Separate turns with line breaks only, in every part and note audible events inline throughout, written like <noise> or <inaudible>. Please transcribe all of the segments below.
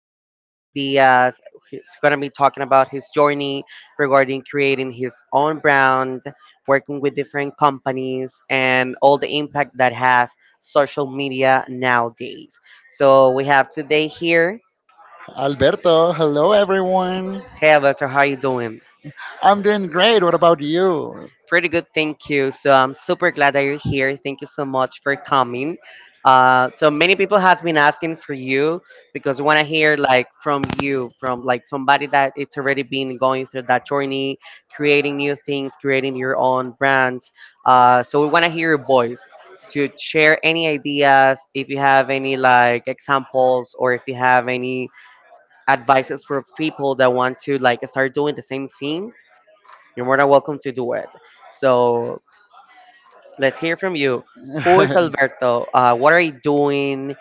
sharing more ideas. He's going to be talking about his journey regarding creating his own brand, working with different companies, and all the impact that has social media nowadays. So we have today here.
Alberto, hello everyone.
Hey, Alberto, how are you doing?
I'm doing great. What about you?
Pretty good, thank you. So I'm super glad that you're here. Thank you so much for coming. So many people has been asking for you because want to hear like from you, from like somebody that it's already been going through that journey, creating new things, creating your own brands. So we want to hear your voice to share any ideas, if you have any like examples or if you have any advices for people that want to like start doing the same thing. You're more than welcome to do it. So let's hear from you. Who is
<laughs>
Alberto? What are you doing?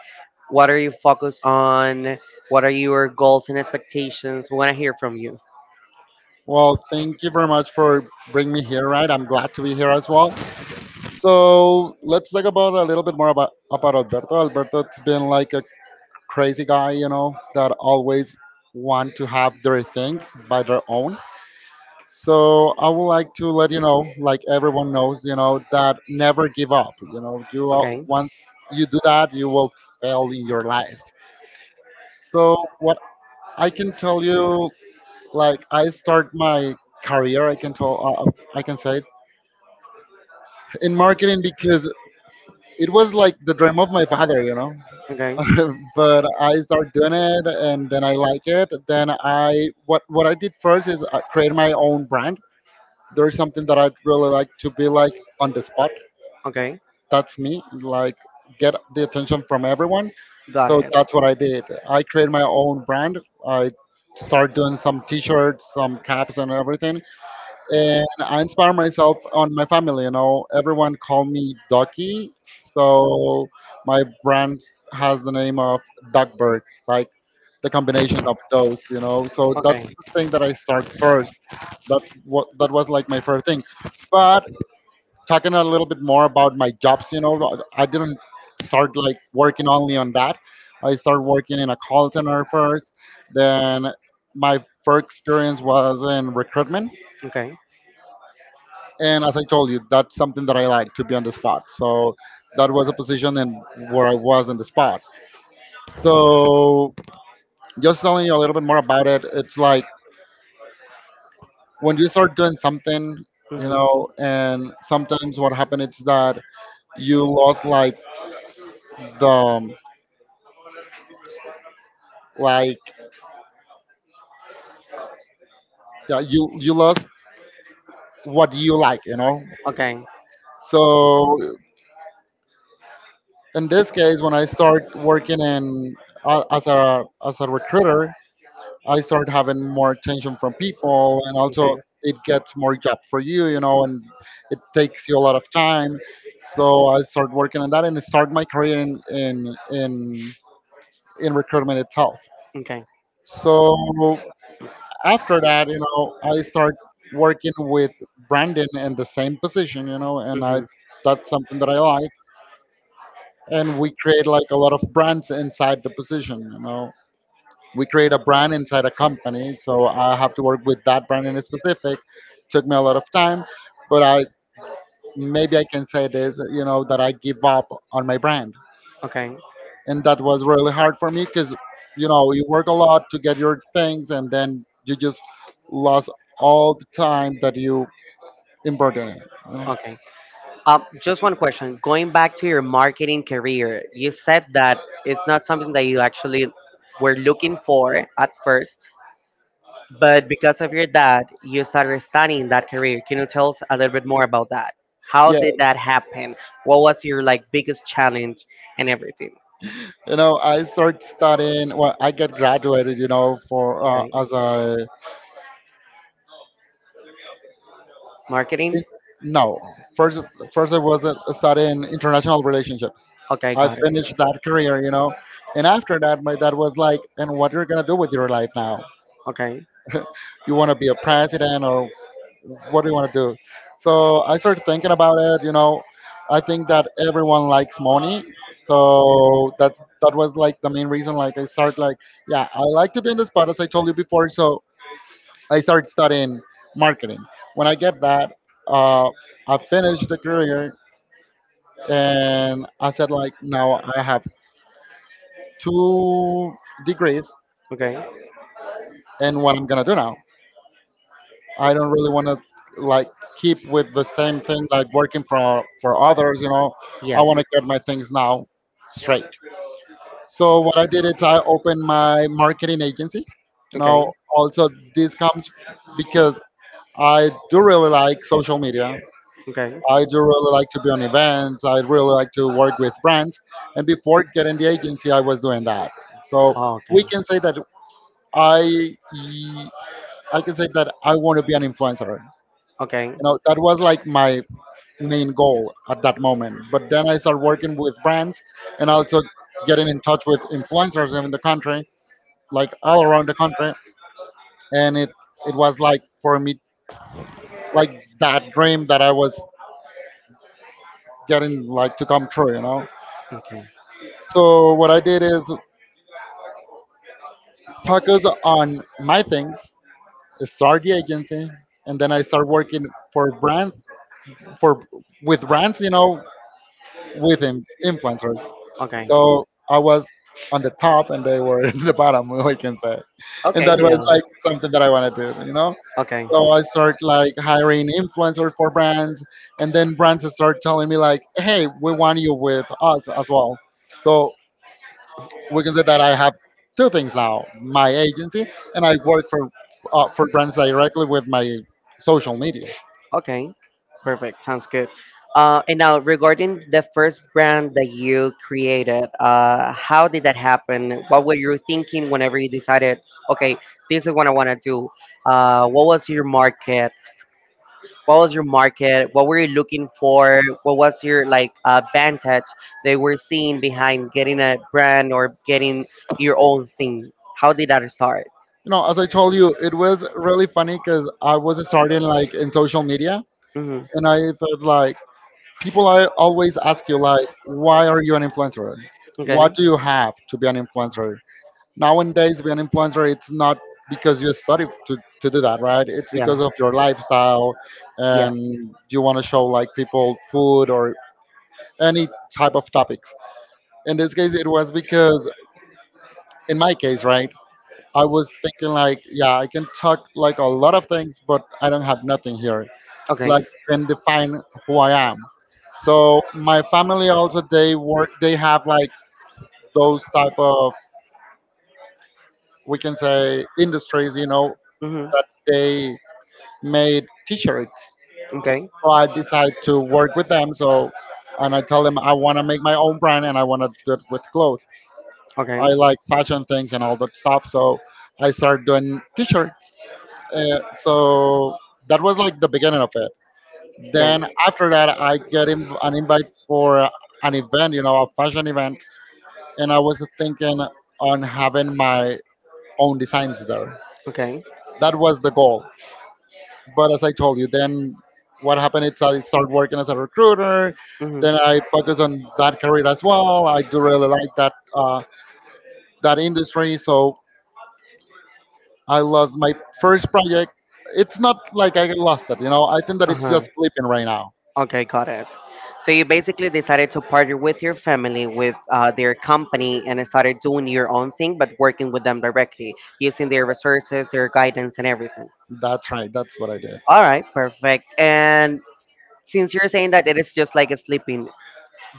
What are you focused on? What are your goals and expectations? We want to hear from you.
Well, thank you very much for bringing me here, right? I'm glad to be here as well. So let's talk about a little bit more about Alberto. Alberto's been like a crazy guy, you know, that always want to have their things by their own. So I would like to let you know, like everyone knows, you know, that never give up. You know, you will,
Okay.
once you do that, you will fail in your life. So what I can tell you, like I start my career, I can say it in marketing because it was like the dream of my father, you know.
Okay.
<laughs> But I start doing it, and then I like it. Then I what I did first is I create my own brand. There's something that I'd really like to be like on the spot.
Okay.
That's me like get the attention from everyone,
Got
so
it.
that's what I did. I created my own brand. I started doing some t-shirts, some caps, and everything. And I inspire myself on my family. You know, everyone call me Ducky, so my brand has the name of Duckburg, like the combination of those, you know. So
Okay.
that's the thing that I start first. That was like my first thing. But talking a little bit more about my jobs, you know, but I didn't start like working only on that. I started working in a call center first. Then my first experience was in recruitment.
Okay.
And as I told you, that's something that I like to be on the spot. So that was a position and where I was on the spot. So just telling you a little bit more about it, it's like when you start doing something, you
Mm-hmm.
know, and sometimes what happened is that you lost like the like, yeah, you lost what you like, you know.
Okay.
So in this case, when I start working in as a recruiter, I start having more attention from people, and also
Okay.
it gets more job for you, you know, and it takes you a lot of time. So I start working on that, and start my career in recruitment itself.
Okay.
So after that, you know, I start working with Brandon in the same position, you know, and I
Mm-hmm.
that's something that I like. And we create like a lot of brands inside the position, you know. We create a brand inside a company, so I have to work with that brand in specific. Took me a lot of time, but I maybe I can say this, you know, that I give up on my brand,
Okay.
and that was really hard for me because, you know, you work a lot to get your things, and then you just lost all the time that you important. You know.
Okay. Just one question. Going back to your marketing career, you said that it's not something that you actually were looking for at first, but because of your dad, you started studying that career. Can you tell us a little bit more about that? How
Yeah,
did that happen? What was your like biggest challenge and everything?
you know, I started studying. Well, I get graduated, you know, for,
Okay.
as a in-
Marketing?
no. First, first I was studying international relationships.
Okay,
I
got it.
finished that career, you know, and after that, my dad was like, "And what you're gonna do with your life now?
Okay.
You want to be a president, or what do you want to do?" So I started thinking about it. You know, I think that everyone likes money, so that was like the main reason. Like I started like, yeah, I like to be in the spot, as I told you before. So I started studying marketing. When I get that, uh, I finished the career, and I said like, now I have two degrees,
Okay.
and what I'm gonna do now? I don't really want to like keep with the same thing, like working for others. You know,
Yeah.
I want to get my things now straight. So what I did is I opened my marketing agency. You
Okay.
know, also, this comes because I do really like social media.
Okay.
I do really like to be on events. I really like to work with brands. And before getting the agency, I was doing that. So
Oh, okay.
we can say that I I can say that I want to be an influencer. You
Okay.
know, that was like my main goal at that moment. But then I started working with brands, and also getting in touch with influencers in the country, like all around the country. And it was like for me, like that dream that I was getting like to come true, you know?
Okay.
So what I did is focus on my things, start the agency, and then I start working for brands, for with brands, you know, with influencers.
Okay.
So I was on the top and they were <laughs> in the bottom, <laughs> we can say. And
Okay.
that
Yeah.
was like something that I wanted to do, you know?
Okay.
So I start like hiring influencers for brands, and then brands start telling me like, hey, we want you with us as well. So we can say that I have two things now, my agency, and I work for brands directly with my social media.
Okay, perfect. Sounds good. And now, regarding the first brand that you created, how did that happen? What were you thinking whenever you decided, okay, this is what I want to do? What was your market? What were you looking for? What was your like advantage they were seeing behind getting a brand or getting your own thing? How did that start?
You know, as I told you, it was really funny because I was starting like in social media,
Hmm.
and I thought like people. I always ask you, like, why are you an influencer? What
Okay.
do you have to be an influencer? Nowadays be an influencer, it's not because you study to do that, right? It's
Yeah.
because of your lifestyle,
Yes.
and you want to show like people food or any type of topics. In this case it was because, in my case, right? I was thinking like, yeah, I can talk like a lot of things, but I don't have nothing here.
Okay.
Like can define who I am. So my family also, they have like those type of, we can say, industries, you know,
Hmm.
that they made t-shirts.
Okay.
So I decide to work with them. So and I tell them I want to make my own brand, and I want to do it with clothes. I
Okay.
like fashion things and all that stuff. So I started doing t-shirts. So that was like the beginning of it.
Okay.
Then after that, I get an invite for an event, you know, a fashion event, and I was thinking on having my own designs there.
Okay.
That was the goal. But as I told you, then what happened is I started working as a recruiter.
Mm-hmm.
Then I focused on that career as well. I do really like that industry. So I lost my first project. It's not like I lost it, you know. I think that it's
Uh-huh.
just sleeping right now.
Okay, got it. So you basically decided to partner with your family, with their company, and started doing your own thing, but working with them directly, using their resources, their guidance, and everything.
That's right. That's what I did.
All right, perfect. And since you're saying that it is just like a sleeping,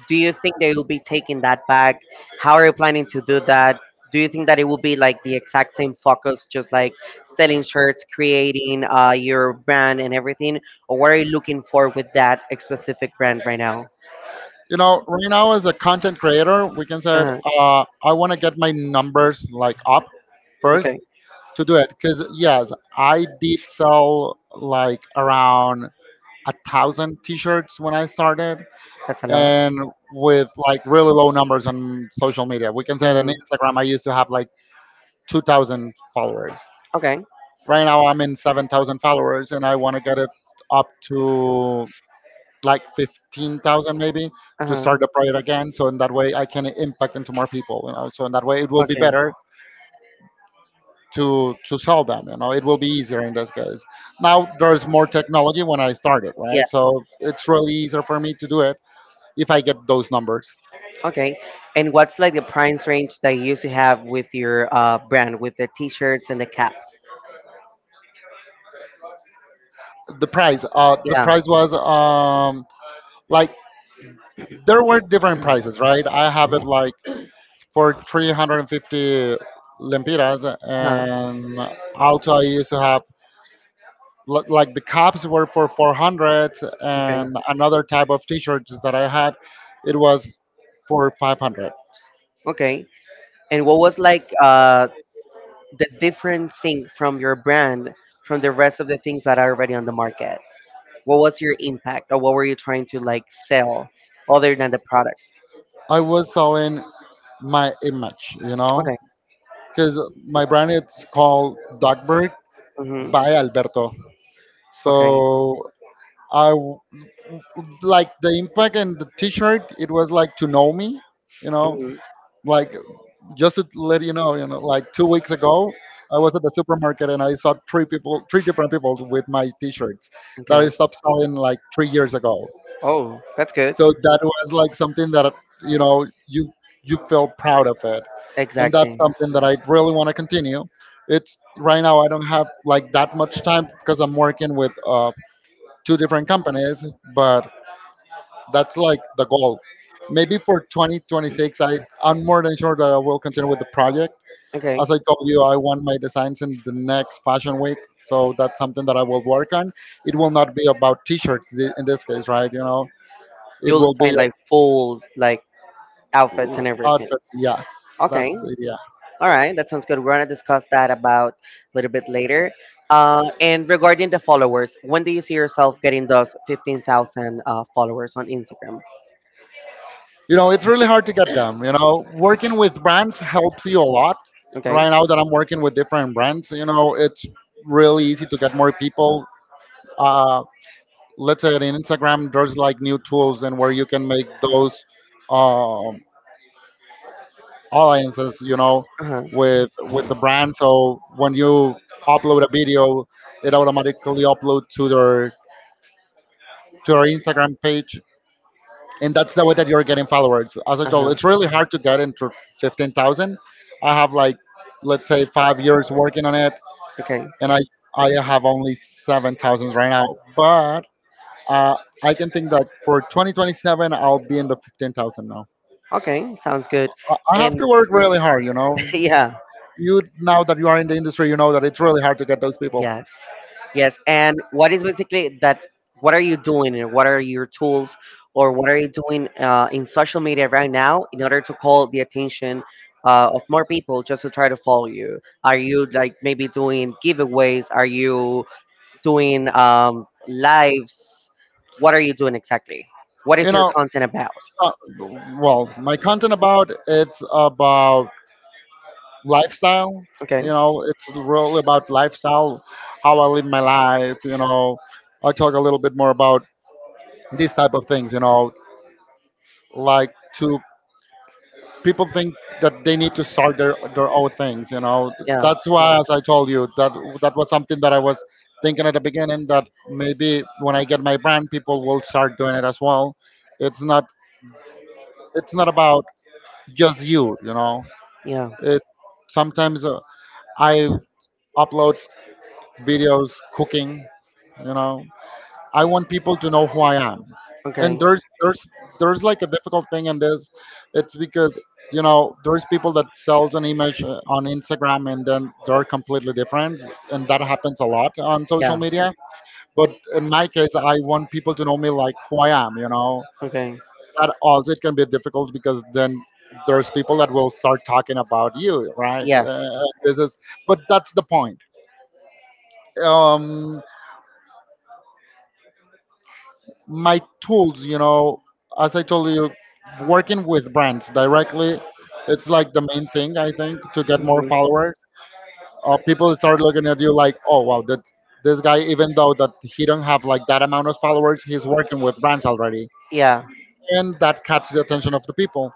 do you think they will be taking that back? How are you planning to do that? Do you think that it will be like the exact same focus, just like selling shirts, creating your brand and everything? Or what are you looking for with that specific brand right now?
You know, right now, as a content creator, we can say,
Uh,
I want to get my numbers like up first
okay,
to do it, because yes, I did sell like around a thousand t-shirts when I started.
that's a lot.
And with like really low numbers on social media, we can say that on
Hmm.
Instagram I used to have like 2,000 followers.
Okay.
Right now I'm in 7,000 followers, and I want to get it up to like 15,000 maybe, to
Uh-huh.
start the project again. So in that way, I can impact into more people, you know. So in that way, it will be
Okay.
better to sell them, you know. It will be easier in this case. Now there's more technology when I started,
Yeah.
right? So it's really easier for me to do it if I get those numbers.
Okay. And what's like the price range that you usually have with your brand, with the t-shirts and the caps?
The price, uh, the
Yeah.
price was, like, there were different prices,
Mhm.
right? I have it like for 350 lempiras,
Uh-huh.
and also I used to have. Look, like the cups were for 400,
Okay.
and another type of t-shirts that I had, it was for 500.
Okay. And what was like the different thing from your brand from the rest of the things that are already on the market? What was your impact, or what were you trying to like sell other than the product?
I was selling my image, you know,
Okay.
because my brand is called Dogbird
Mm-hmm.
by Alberto.
Okay.
So I w- like the impact and the t-shirt, it was like to know me, you know.
Mm-hmm.
Like, just to let you know, like 2 weeks ago, I was at the supermarket and I saw three people, three different people with my T-shirts that I
Okay.
stopped selling like 3 years ago.
Oh, that's good.
So that was like something that, you know, you feel proud of it, and that's
Exactly.
something that I really want to continue. It's right now I don't have like that much time because I'm working with, two different companies, but that's like the goal. Maybe for 2026, I'm more than sure that I will continue with the project.
Okay.
As I told you, I want my designs in the next fashion week. So that's something that I will work on. It will not be about t-shirts in this case, right? You know, it
You'll
will
design
be,
like full like outfits and everything.
outfits. Yes, that's
Okay.
the idea.
All right. That sounds good. We're gonna discuss that about a little bit later. And regarding the followers, when do you see yourself getting those 15,000 followers on Instagram?
You know, it's really hard to get them. You know, working with brands helps you a lot.
Okay.
Right now that I'm working with different brands, you know, it's really easy to get more people. Uh, let's say on Instagram, there's like new tools and where you can make those. Um, Alliances, you know,
Uh-huh.
with the brand. So when you upload a video, it automatically upload to their Instagram page, and that's the way that you're getting followers. As I told,
Uh-huh.
it's really hard to get into 15,000. I have, like, let's say 5 years working on it,
Okay.
and I have only 7,000 right now, but. Uh, I can think that for 2027, I'll be in the 15,000 now.
Okay. Sounds good.
I have
And
to work really hard, you know.
<laughs> yeah,
You now that you are in the industry, you know that it's really hard to get those people.
yes. Yes. And what is basically that what are you doing and what are your tools or what are you doing in social media right now in order to call the attention of more people just to try to follow you? Are you like maybe doing giveaways? Are you doing lives? What are you doing exactly? What
You
is your
know,
content about?
uh, well, my content about it's about lifestyle. You
Okay.
know, it's really about lifestyle, how I live my life. You know, I talk a little bit more about these type of things. You know, like to people think that they need to start their own things. You know,
Yeah.
that's why, as I told you, that was something that I was thinking at the beginning that maybe when I get my brand, people will start doing it as well. It's not it's not about just you. You know,
Yeah.
it sometimes I upload videos cooking. You know, I want people to know who I am. And
Okay.
there's like a difficult thing in this. It's because you know there's people that sells an image on Instagram and then they're completely different, and that happens a lot on social
Yeah.
media. But in my case, I want people to know me like who I am. You know
Okay.
that also it can be difficult because then there's people that will start talking about you, right?
Yes.
But that's the point. Um, my tools, you know, as I told you, working with brands directly, it's like the main thing I think to get more
Hmm.
followers. People start looking at you like, oh wow, that this guy, even though that he don't have like that amount of followers, he's working with brands already,
Yeah.
and that catch the attention of the people.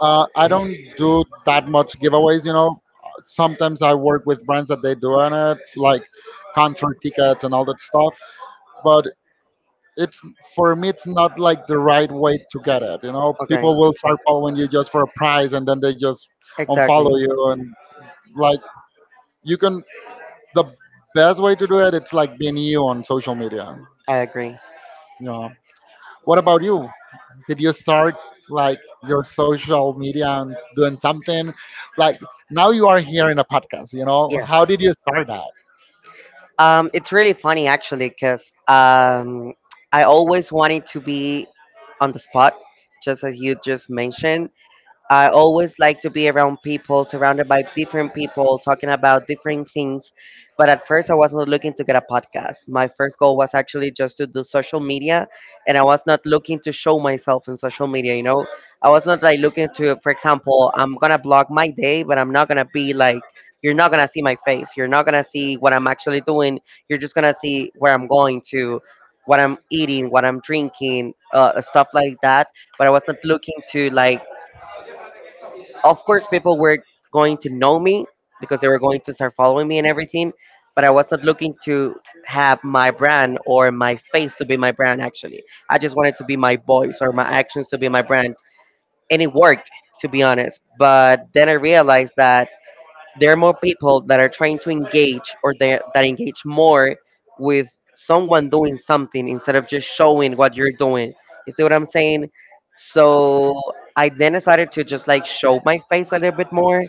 I don't do that much giveaways, you know. Sometimes I work with brands that they do on it, like concert tickets and all that stuff. But it's for me it's not like the right way to get it, you know,
Okay.
people will start following you just for a prize and then they just
Exactly.
unfollow you. And, like, you can the best way to do it it's like being you on social media,
I agree.
you know. What about you? Did you start like your social media and doing something, like, now you are here in a podcast, you know?
Yes.
How did you start that?
It's really funny actually because I always wanted to be on the spot, just as you just mentioned. I always like to be around people, surrounded by different people, talking about different things. But at first, I was not looking to get a podcast. My first goal was actually just to do social media, and I was not looking to show myself in social media. You know, I was not like looking to, for example, I'm gonna blog my day, but I'm not gonna be like, you're not gonna see my face, you're not gonna see what I'm actually doing, you're just gonna see where I'm going to, what I'm eating, what I'm drinking, stuff like that, but I wasn't looking to like, of course people were going to know me because they were going to start following me and everything, but I was not looking to have my brand or my face to be my brand actually. I just wanted to be my voice or my actions to be my brand, and it worked, to be honest. But then I realized that there are more people that are trying to engage or they, that engage more with someone doing something instead of just showing what you're doing. You see what I'm saying? So I then decided to just like show my face a little bit more.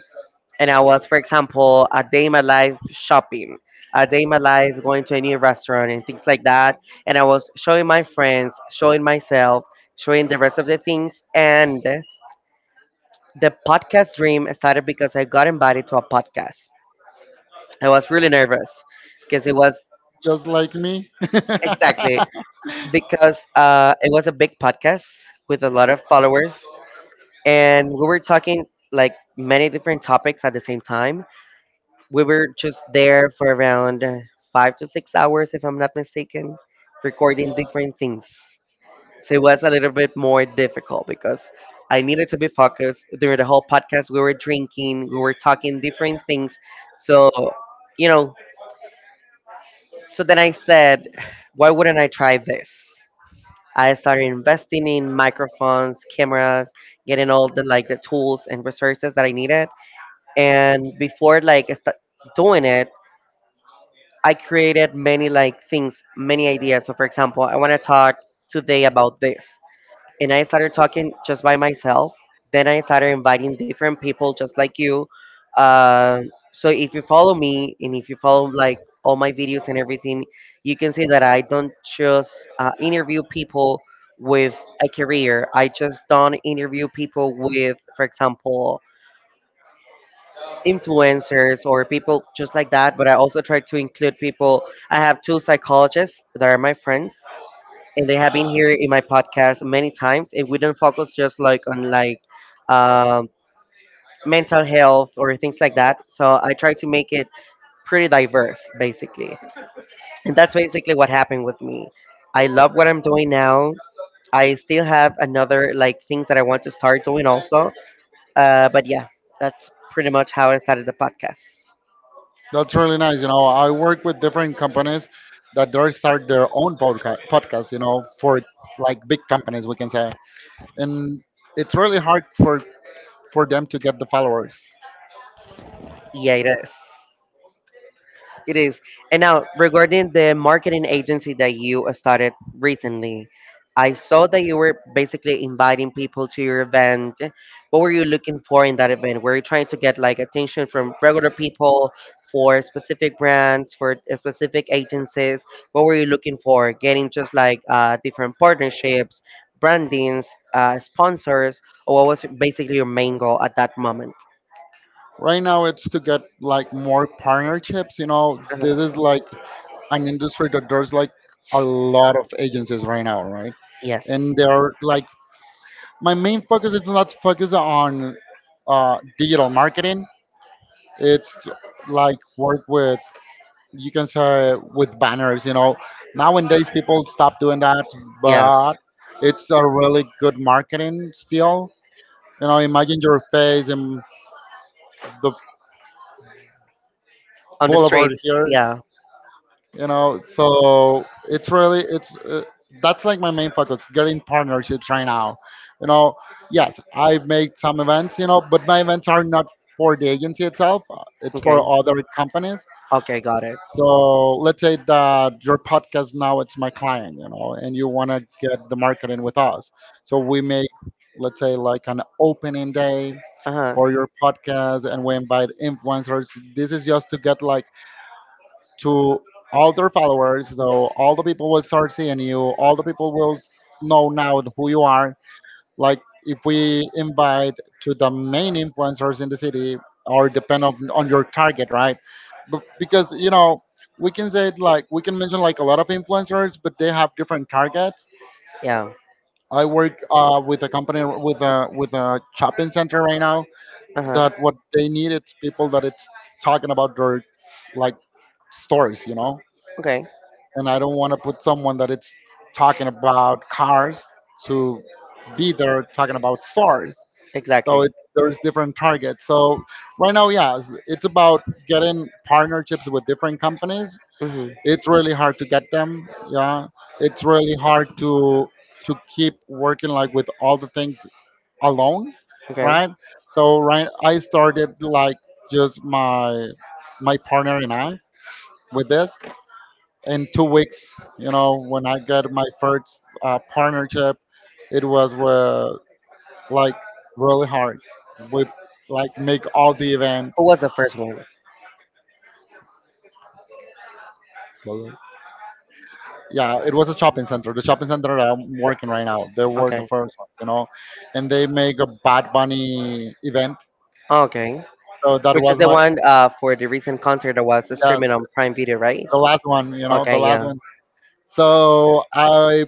And I was, for example, a day in my life shopping, a day in my life going to a new restaurant and things like that. And I was showing my friends, showing myself, showing the rest of the things. And the podcast dream started because I got invited to a podcast. I was really nervous because it was
Just like me.
exactly
<laughs>
because it was a big podcast with a lot of followers, and we were talking like many different topics at the same time. We were just there for around five to six hours, if I'm not mistaken, recording different things. So it was a little bit more difficult because I needed to be focused during the whole podcast. We were drinking, we were talking different things, so you know. So then I said, why wouldn't I try this? I started investing in microphones, cameras, getting all the like the tools and resources that I needed. And before like I start doing it, I created many like things, many ideas. So for example, I want to talk today about this and I started talking just by myself. Then I started inviting different people just like you. Uh, so if you follow me and if you follow like all my videos and everything, you can see that I don't just interview people with a career. I just don't interview people with, for example, influencers or people just like that. But I also try to include people. I have two psychologists that are my friends and they have been here in my podcast many times and we don't focus just like on like um, mental health or things like that. So I try to make it pretty diverse basically, and that's basically what happened with me. I love what I'm doing now. I still have another like things that I want to start doing also, but yeah, that's pretty much how I started the podcast.
That's really nice. You know, I work with different companies that they start their own podcast, you know, for like big companies, we can say. And it's really hard for them to get the followers.
Yeah, it is. It is. And now, regarding the marketing agency that you started recently, I saw that you were basically inviting people to your event. What were you looking for in that event? Were you trying to get like attention from regular people for specific brands, for specific agencies? What were you looking for? Getting just like different partnerships, brandings, sponsors, or what was basically your main goal at that moment?
Right now, it's to get like more partnerships. You know, this
Uh-huh.
is like an industry that there's like a lot of agencies right now, right?
Yes.
And they're like, my main focus is not focus on digital marketing. It's like work with, you can say, with banners, you know, nowadays people stop doing that,
Yeah.
but it's a really good marketing still. You know, imagine your face in the
On the
boulevard
streets.
here,
Yeah.
you know. So it's really it's that's like my main focus, getting partnerships right now, you know. Yes, I've made some events, you know, but my events are not for the agency itself, it's for
Okay.
other companies.
Okay, got it.
So let's say that your podcast now it's my client, you know, and you want to get the marketing with us. So we make, let's say, like an opening day
Uh huh.
for your podcast, and we invite influencers. This is just to get like to all their followers. So all the people will start seeing you. All the people will s- know now who you are. Like if we invite to the main influencers in the city, or depend on, your target, right? But because you know we can say it like we can mention like a lot of influencers, but they have different targets.
Yeah.
I work with a company with a shopping center right now.
Uh huh.
That what they need it's people that it's talking about their, like, stories, you know.
Okay.
And I don't want to put someone that it's talking about cars to be there talking about stores. So
Exactly.
it's there's different targets. So right now, yeah, it's about getting partnerships with different companies.
Mm-hmm.
It's really hard to get them, yeah. It's really hard to keep working like with all the things alone,
Okay.
right? So right I started like just my my partner and I with this. In 2 weeks, you know, when I got my first partnership, it was with, like, really hard. We like make all the event.
Who was the first one?
Yeah, it was a shopping center. The shopping center that I'm working right now, they were the
Okay.
first ones, you know, and they make a Bad Bunny event.
Okay.
So that
Which is
was
the
my
one for the recent concert that was
yeah,
streaming on Prime Video, right?
the last one, you know, the
Okay,
last
yeah.
one. So I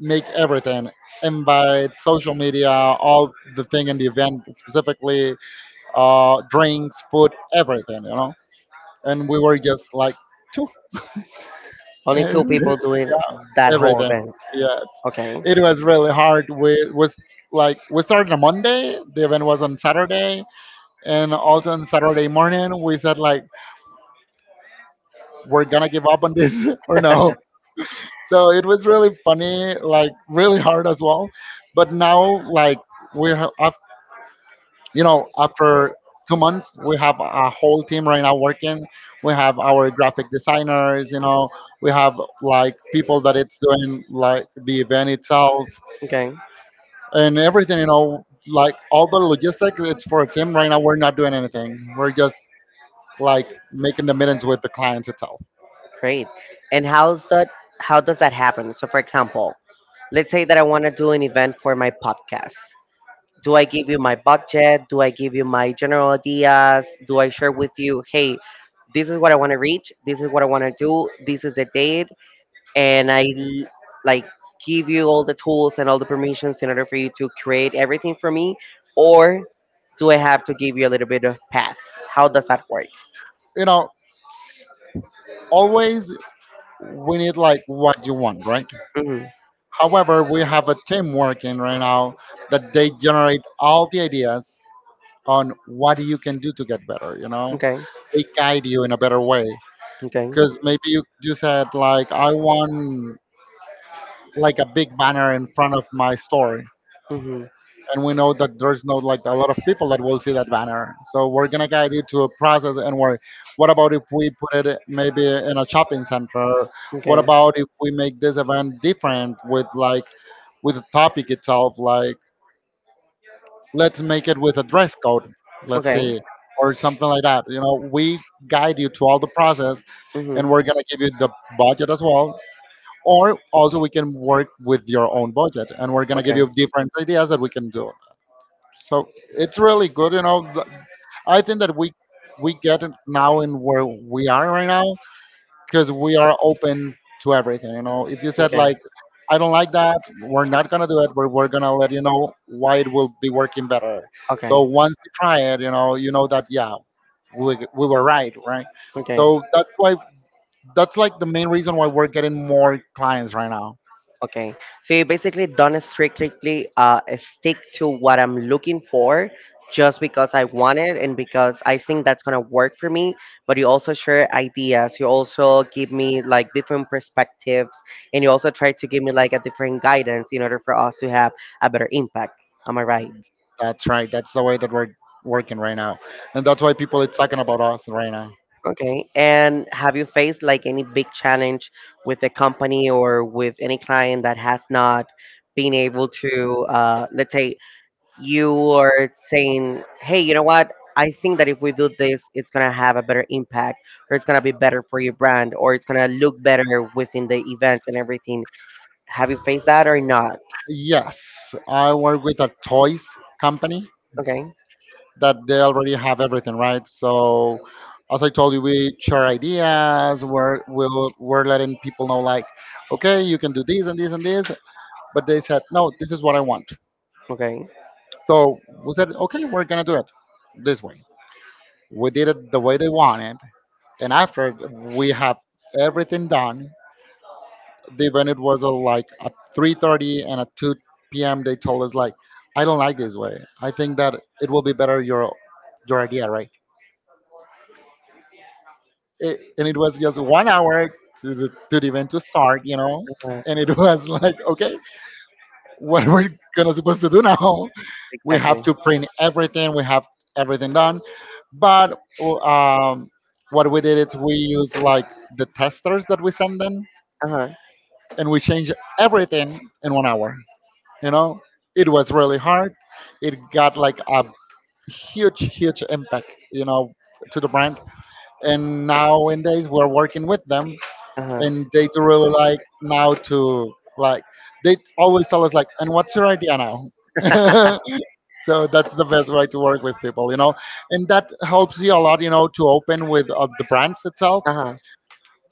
make everything, invite, social media, all the thing in the event specifically, drinks, food, everything, you know. And we were just like two. <laughs>
Only two
Yeah,
people doing that whole
everything.
event.
Yes,
Okay.
it was really hard. We was like we started on Monday. The event was on Saturday, and also on Saturday morning we said like we're gonna give up on this <laughs> or no. So it was really funny, like really hard as well. But now like we have, you know, after 2 months we have a whole team right now working. We have our graphic designers, you know, we have like people that it's doing like the event itself
Okay.
and everything. You know, like all the logistics, it's for a team. Right now, we're not doing anything. We're just like making the meetings with the clients itself.
Great. And how's that how does that happen? So for example, let's say that I want to do an event for my podcast. Do I give you my budget? Do I give you my general ideas? Do I share with you, hey, this is what I want to reach, this is what I want to do, this is the date, and like give you all the tools and all the permissions in order for you to create everything for me, or do I have to give you a little bit of path? How does that work?
You know, always we need like what you want, right?
Hmm.
However, we have a team working right now that they generate all the ideas on what you can do to get better. You know,
Okay.
they guide you in a better way
Okay.
because maybe you said like I want like a big banner in front of my store,
Hmm.
and we know that there's not like a lot of people that will see that banner. So we're gonna guide you to a process and work. What about if we put it maybe in a shopping center? What
Okay.
about if we make this event different with like with the topic itself? Like let's make it with a dress code. Let's
Okay.
see, or something like that. You know, we guide you to all the process, and
Mhm.
we're gonna give you the budget as well. Or also we can work with your own budget, and we're gonna give
Okay.
you different ideas that we can do. So it's really good, you know. I think that we get it now in where we are right now because we are open to everything. You know, if you said
Okay.
like, I don't like that, we're not gonna do it. We're gonna let you know why it will be working better.
Okay.
So once you try it, you know that yeah, we were right, right.
Okay.
So that's why that's like the main reason why we're getting more clients right now.
Okay, so you basically don't strictly stick to what I'm looking for just because I want it and because I think that's gonna work for me. But you also share ideas, you also give me like different perspectives, and you also try to give me like a different guidance in order for us to have a better impact. Am I right?
That's right. That's the way that we're working right now, and that's why people are talking about us right now.
Okay, and have you faced like any big challenge with a company or with any client that has not been able to, let's say, you are saying, hey, you know what? I think that if we do this, it's going to have a better impact, or it's going to be better for your brand, or it's going to look better within the event and everything. Have you faced that or not?
Yes, I work with a toys company
Okay.
that they already have everything, right? So, as I told you, we share ideas. We're letting people know like, okay, you can do this and this and this. But they said no, this is what I want.
Okay.
So we said okay, we're gonna do it this way. We did it the way they wanted, and after we have everything done, the venue was like at 3:30 and at 2 p.m. they told us like, I don't like this way. I think that it will be better your idea, right? It, and it was just 1 hour to the event to start, you know.
uh
And it <laughs> was like, okay, what we're gonna supposed to do now? We
Exactly.
have to print everything. We have everything done, but um, what we did is we used like the testers that we send them,
Uh huh.
and we changed everything in 1 hour. You know, it was really hard. It got like a huge, huge impact, you know, to the brand. And nowadays we're working with them,
Uh
and they
huh.
do really like now to like, they always tell us like, and what's your idea now? <laughs> So that's the best way to work with people, you know, and that helps you a lot, you know, to open with the brands itself
Uh huh.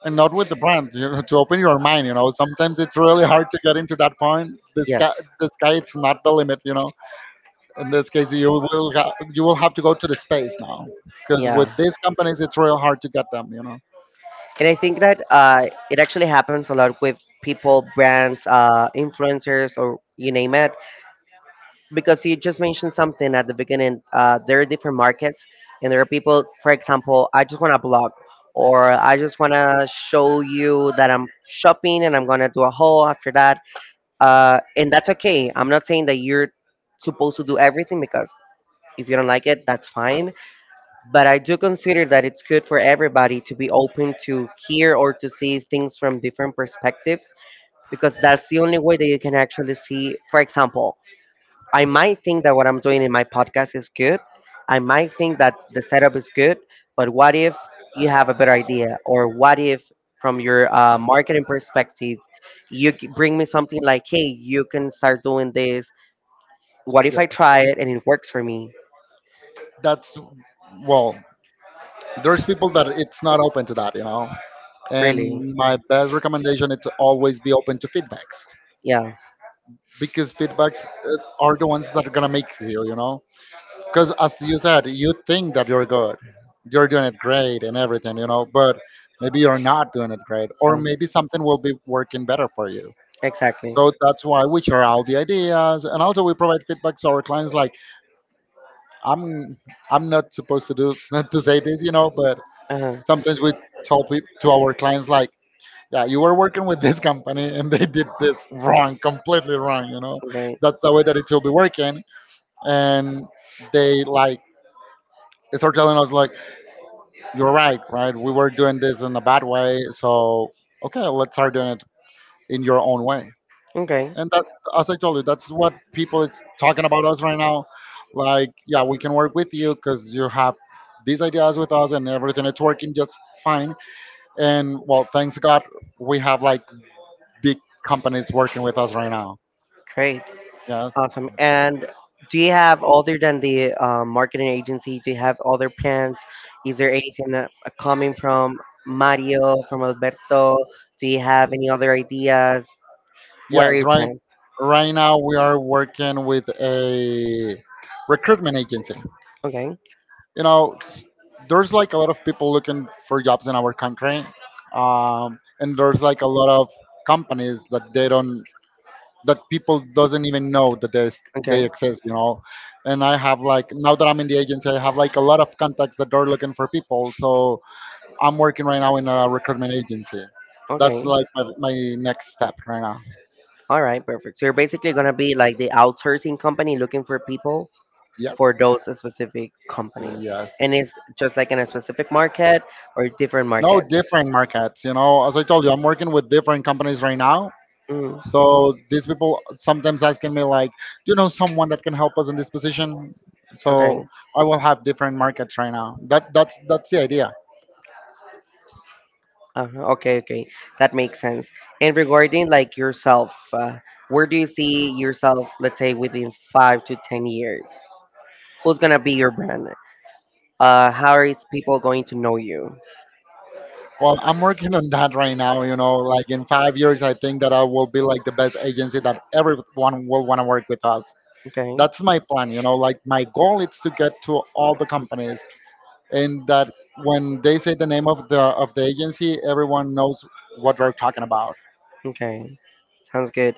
and not with the brand, you know, to open your mind, you know. Sometimes it's really hard to get into that point. the
Yes.
sky the sky it's not the limit, you know. In this case you will you will have to go to the space now, because with
Yeah.
these companies it's real hard to get them, you know.
And I think that it actually happens a lot with people, brands, influencers, or you name it, because you just mentioned something at the beginning. There are different markets, and there are people. For example, I just want to blog, or I just want to show you that I'm shopping, and I'm gonna do a haul after that. And that's okay. I'm not saying that you're supposed to do everything because if you don't like it, that's fine. But I do consider that it's good for everybody to be open to hear or to see things from different perspectives because that's the
Yeah,
only way that you can actually see. For example, I might think that what I'm doing in my podcast is good. I might think that the setup is good, but what if you have a better idea? Or what if, from your marketing perspective, you bring me something like, hey, you can start doing this. What if I try it and it works for me?
that's well, there's people that it's not open to that, you know.
Really?
And my best recommendation is to always be open to feedbacks,
Yeah,
because feedbacks are the ones that are gonna make you, you know. Because as you said, you think that you're good, you're doing it great and everything, you know, but maybe you're not doing it great, or
yeah,
maybe something will be working better for you.
exactly.
So that's why we share all the ideas, and also we provide feedback to our clients. Like I'm, I'm not supposed to do <laughs> not to say this, you know, but
Uh-huh.
sometimes we to our clients like, yeah, you were working with this company and they did this wrong, completely wrong, you know.
Okay,
That's the way that it should be working. And they like start telling us like, you're right, right? We were doing this in a bad way, so okay, let's start doing it in your own way.
okay,
And that, as I told you, that's what people it's talking about us right now. Like, yeah, we can work with you because you have these ideas with us and everything it's working just fine. And well, thanks God we have like big companies working with us right now.
great.
Yes.
Awesome. And do you have, other than the marketing agency, do you have other plans? Is there anything coming from Mario, from Alberto? Do you have any other ideas? What are
Yes.
your
Right.
plans?
Right now we are working with a recruitment agency.
Okay,
You know, there's like a lot of people looking for jobs in our country, and there's like a lot of companies that they don't that people doesn't even know that they
okay,
exist. You know, and I have like, now that I'm in the agency, I have like a lot of contacts that are looking for people. So I'm working right now in a recruitment agency. That's
okay.
like my next step right now.
All right, perfect. So you're basically going to be like the outsourcing company looking for people
Yes.
for those specific companies.
Yes.
And it's just like in a specific market or different
No,
markets.
different markets. You know, as I told you, I'm working with different companies right now.
Mm,
So these people sometimes asking me like, do you know someone that can help us in this position? So
okay.
I will have different markets right now. That's the idea.
Uh-huh. Okay, okay. That makes sense. And regarding like yourself, where do you see yourself, let's say within 5 to 10 years? Who's gonna be your brand? How is people going to know you?
Well, I'm working on that right now. You know, like in 5 years, I think that I will be like the best agency that everyone will want to work with us.
Okay,
That's my plan. You know, like my goal is to get to all the companies, and that when they say the name of the agency, everyone knows what they're talking about.
okay. Sounds good.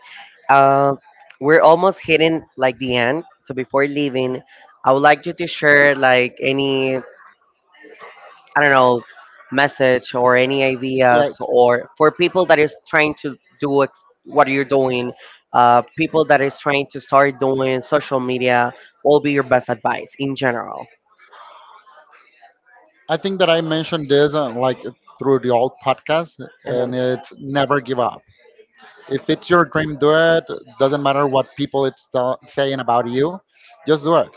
Uh, we're almost hitting like the end. So before leaving, I would like you to share like any, I don't know, message or any
Like,
ideas or for people that is trying to do what you're doing, people that is trying to start doing social media, what will be your best advice in general?
I think that I mentioned this like through the old podcast, and
Uh-huh.
it's never give up. If it's your dream, do it. Doesn't matter what people it's saying about you, just do it.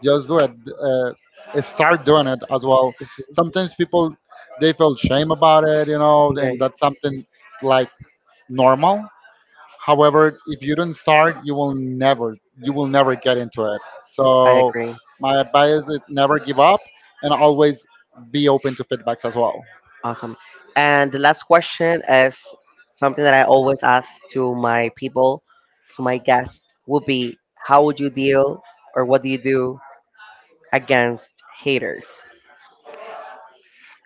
Just do it. Start doing it as well.
Mhm.
Sometimes people they feel shame about it, you know, and
Okay,
that's something like normal. However, if you don't start, you will never get into it.
I
So
agree.
my advice is never give up and always be open to feedbacks as well.
Awesome. And the last question is something that I always ask to my people, to my guests, would be how would you deal or what do you do against haters?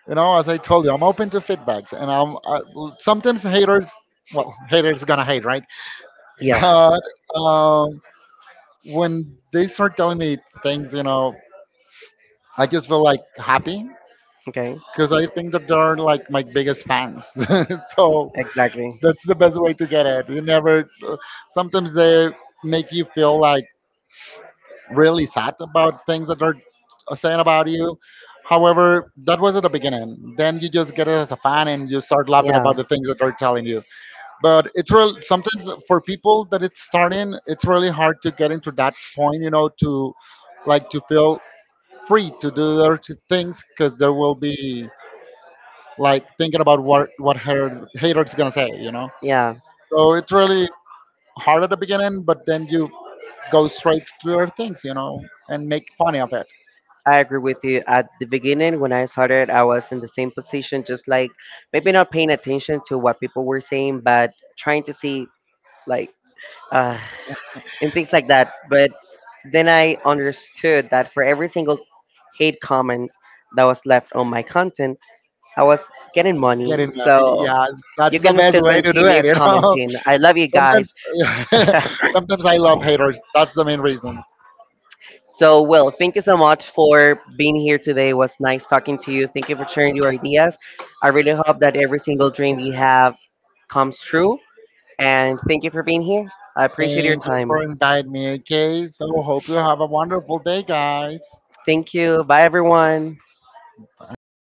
You know, as I told you, I'm open to feedbacks, and sometimes haters. Well, haters gonna hate, right? <laughs>
Yeah.
But um, when they start telling me things, you know, I just feel like happy
Okay.
because I think that they're like my biggest fans. <laughs> So
Exactly.
that's the best way to get it. You never. Sometimes they make you feel like really sad about things that they're saying about you. However, that was at the beginning. Then you just get it as a fan and you start laughing
Yeah.
about the things that they're telling you. But it's real. Sometimes for people that it's starting, it's really hard to get into that point. You know, to like to feel free to do their things, because there will be like thinking about what haters gonna say. You know.
Yeah.
So it's really hard at the beginning, but then you go straight to your things, you know, and make fun of it.
I agree with you. At the beginning, when I started, I was in the same position, just like maybe not paying attention to what people were saying, but trying to see like, uh, and things like that. But then I understood that for every single hate comment that was left on my content, I was getting
Get
money.
in there.
So
Yeah,
you
that's the
can
best
still
way to do
continue
it, you know.
commenting. I love
<laughs>
you
Sometimes,
guys. <laughs>
<laughs> sometimes I love haters. That's the main reasons.
So, Will, thank you so much for being here today. It was nice talking to you. Thank you for sharing your ideas. I really hope that every single dream you have comes true. And thank you for being here. I appreciate your
Thank you
time.
for inviting me. Okay, so hope you have a wonderful day, guys.
Thank you. Bye, everyone.
Bye.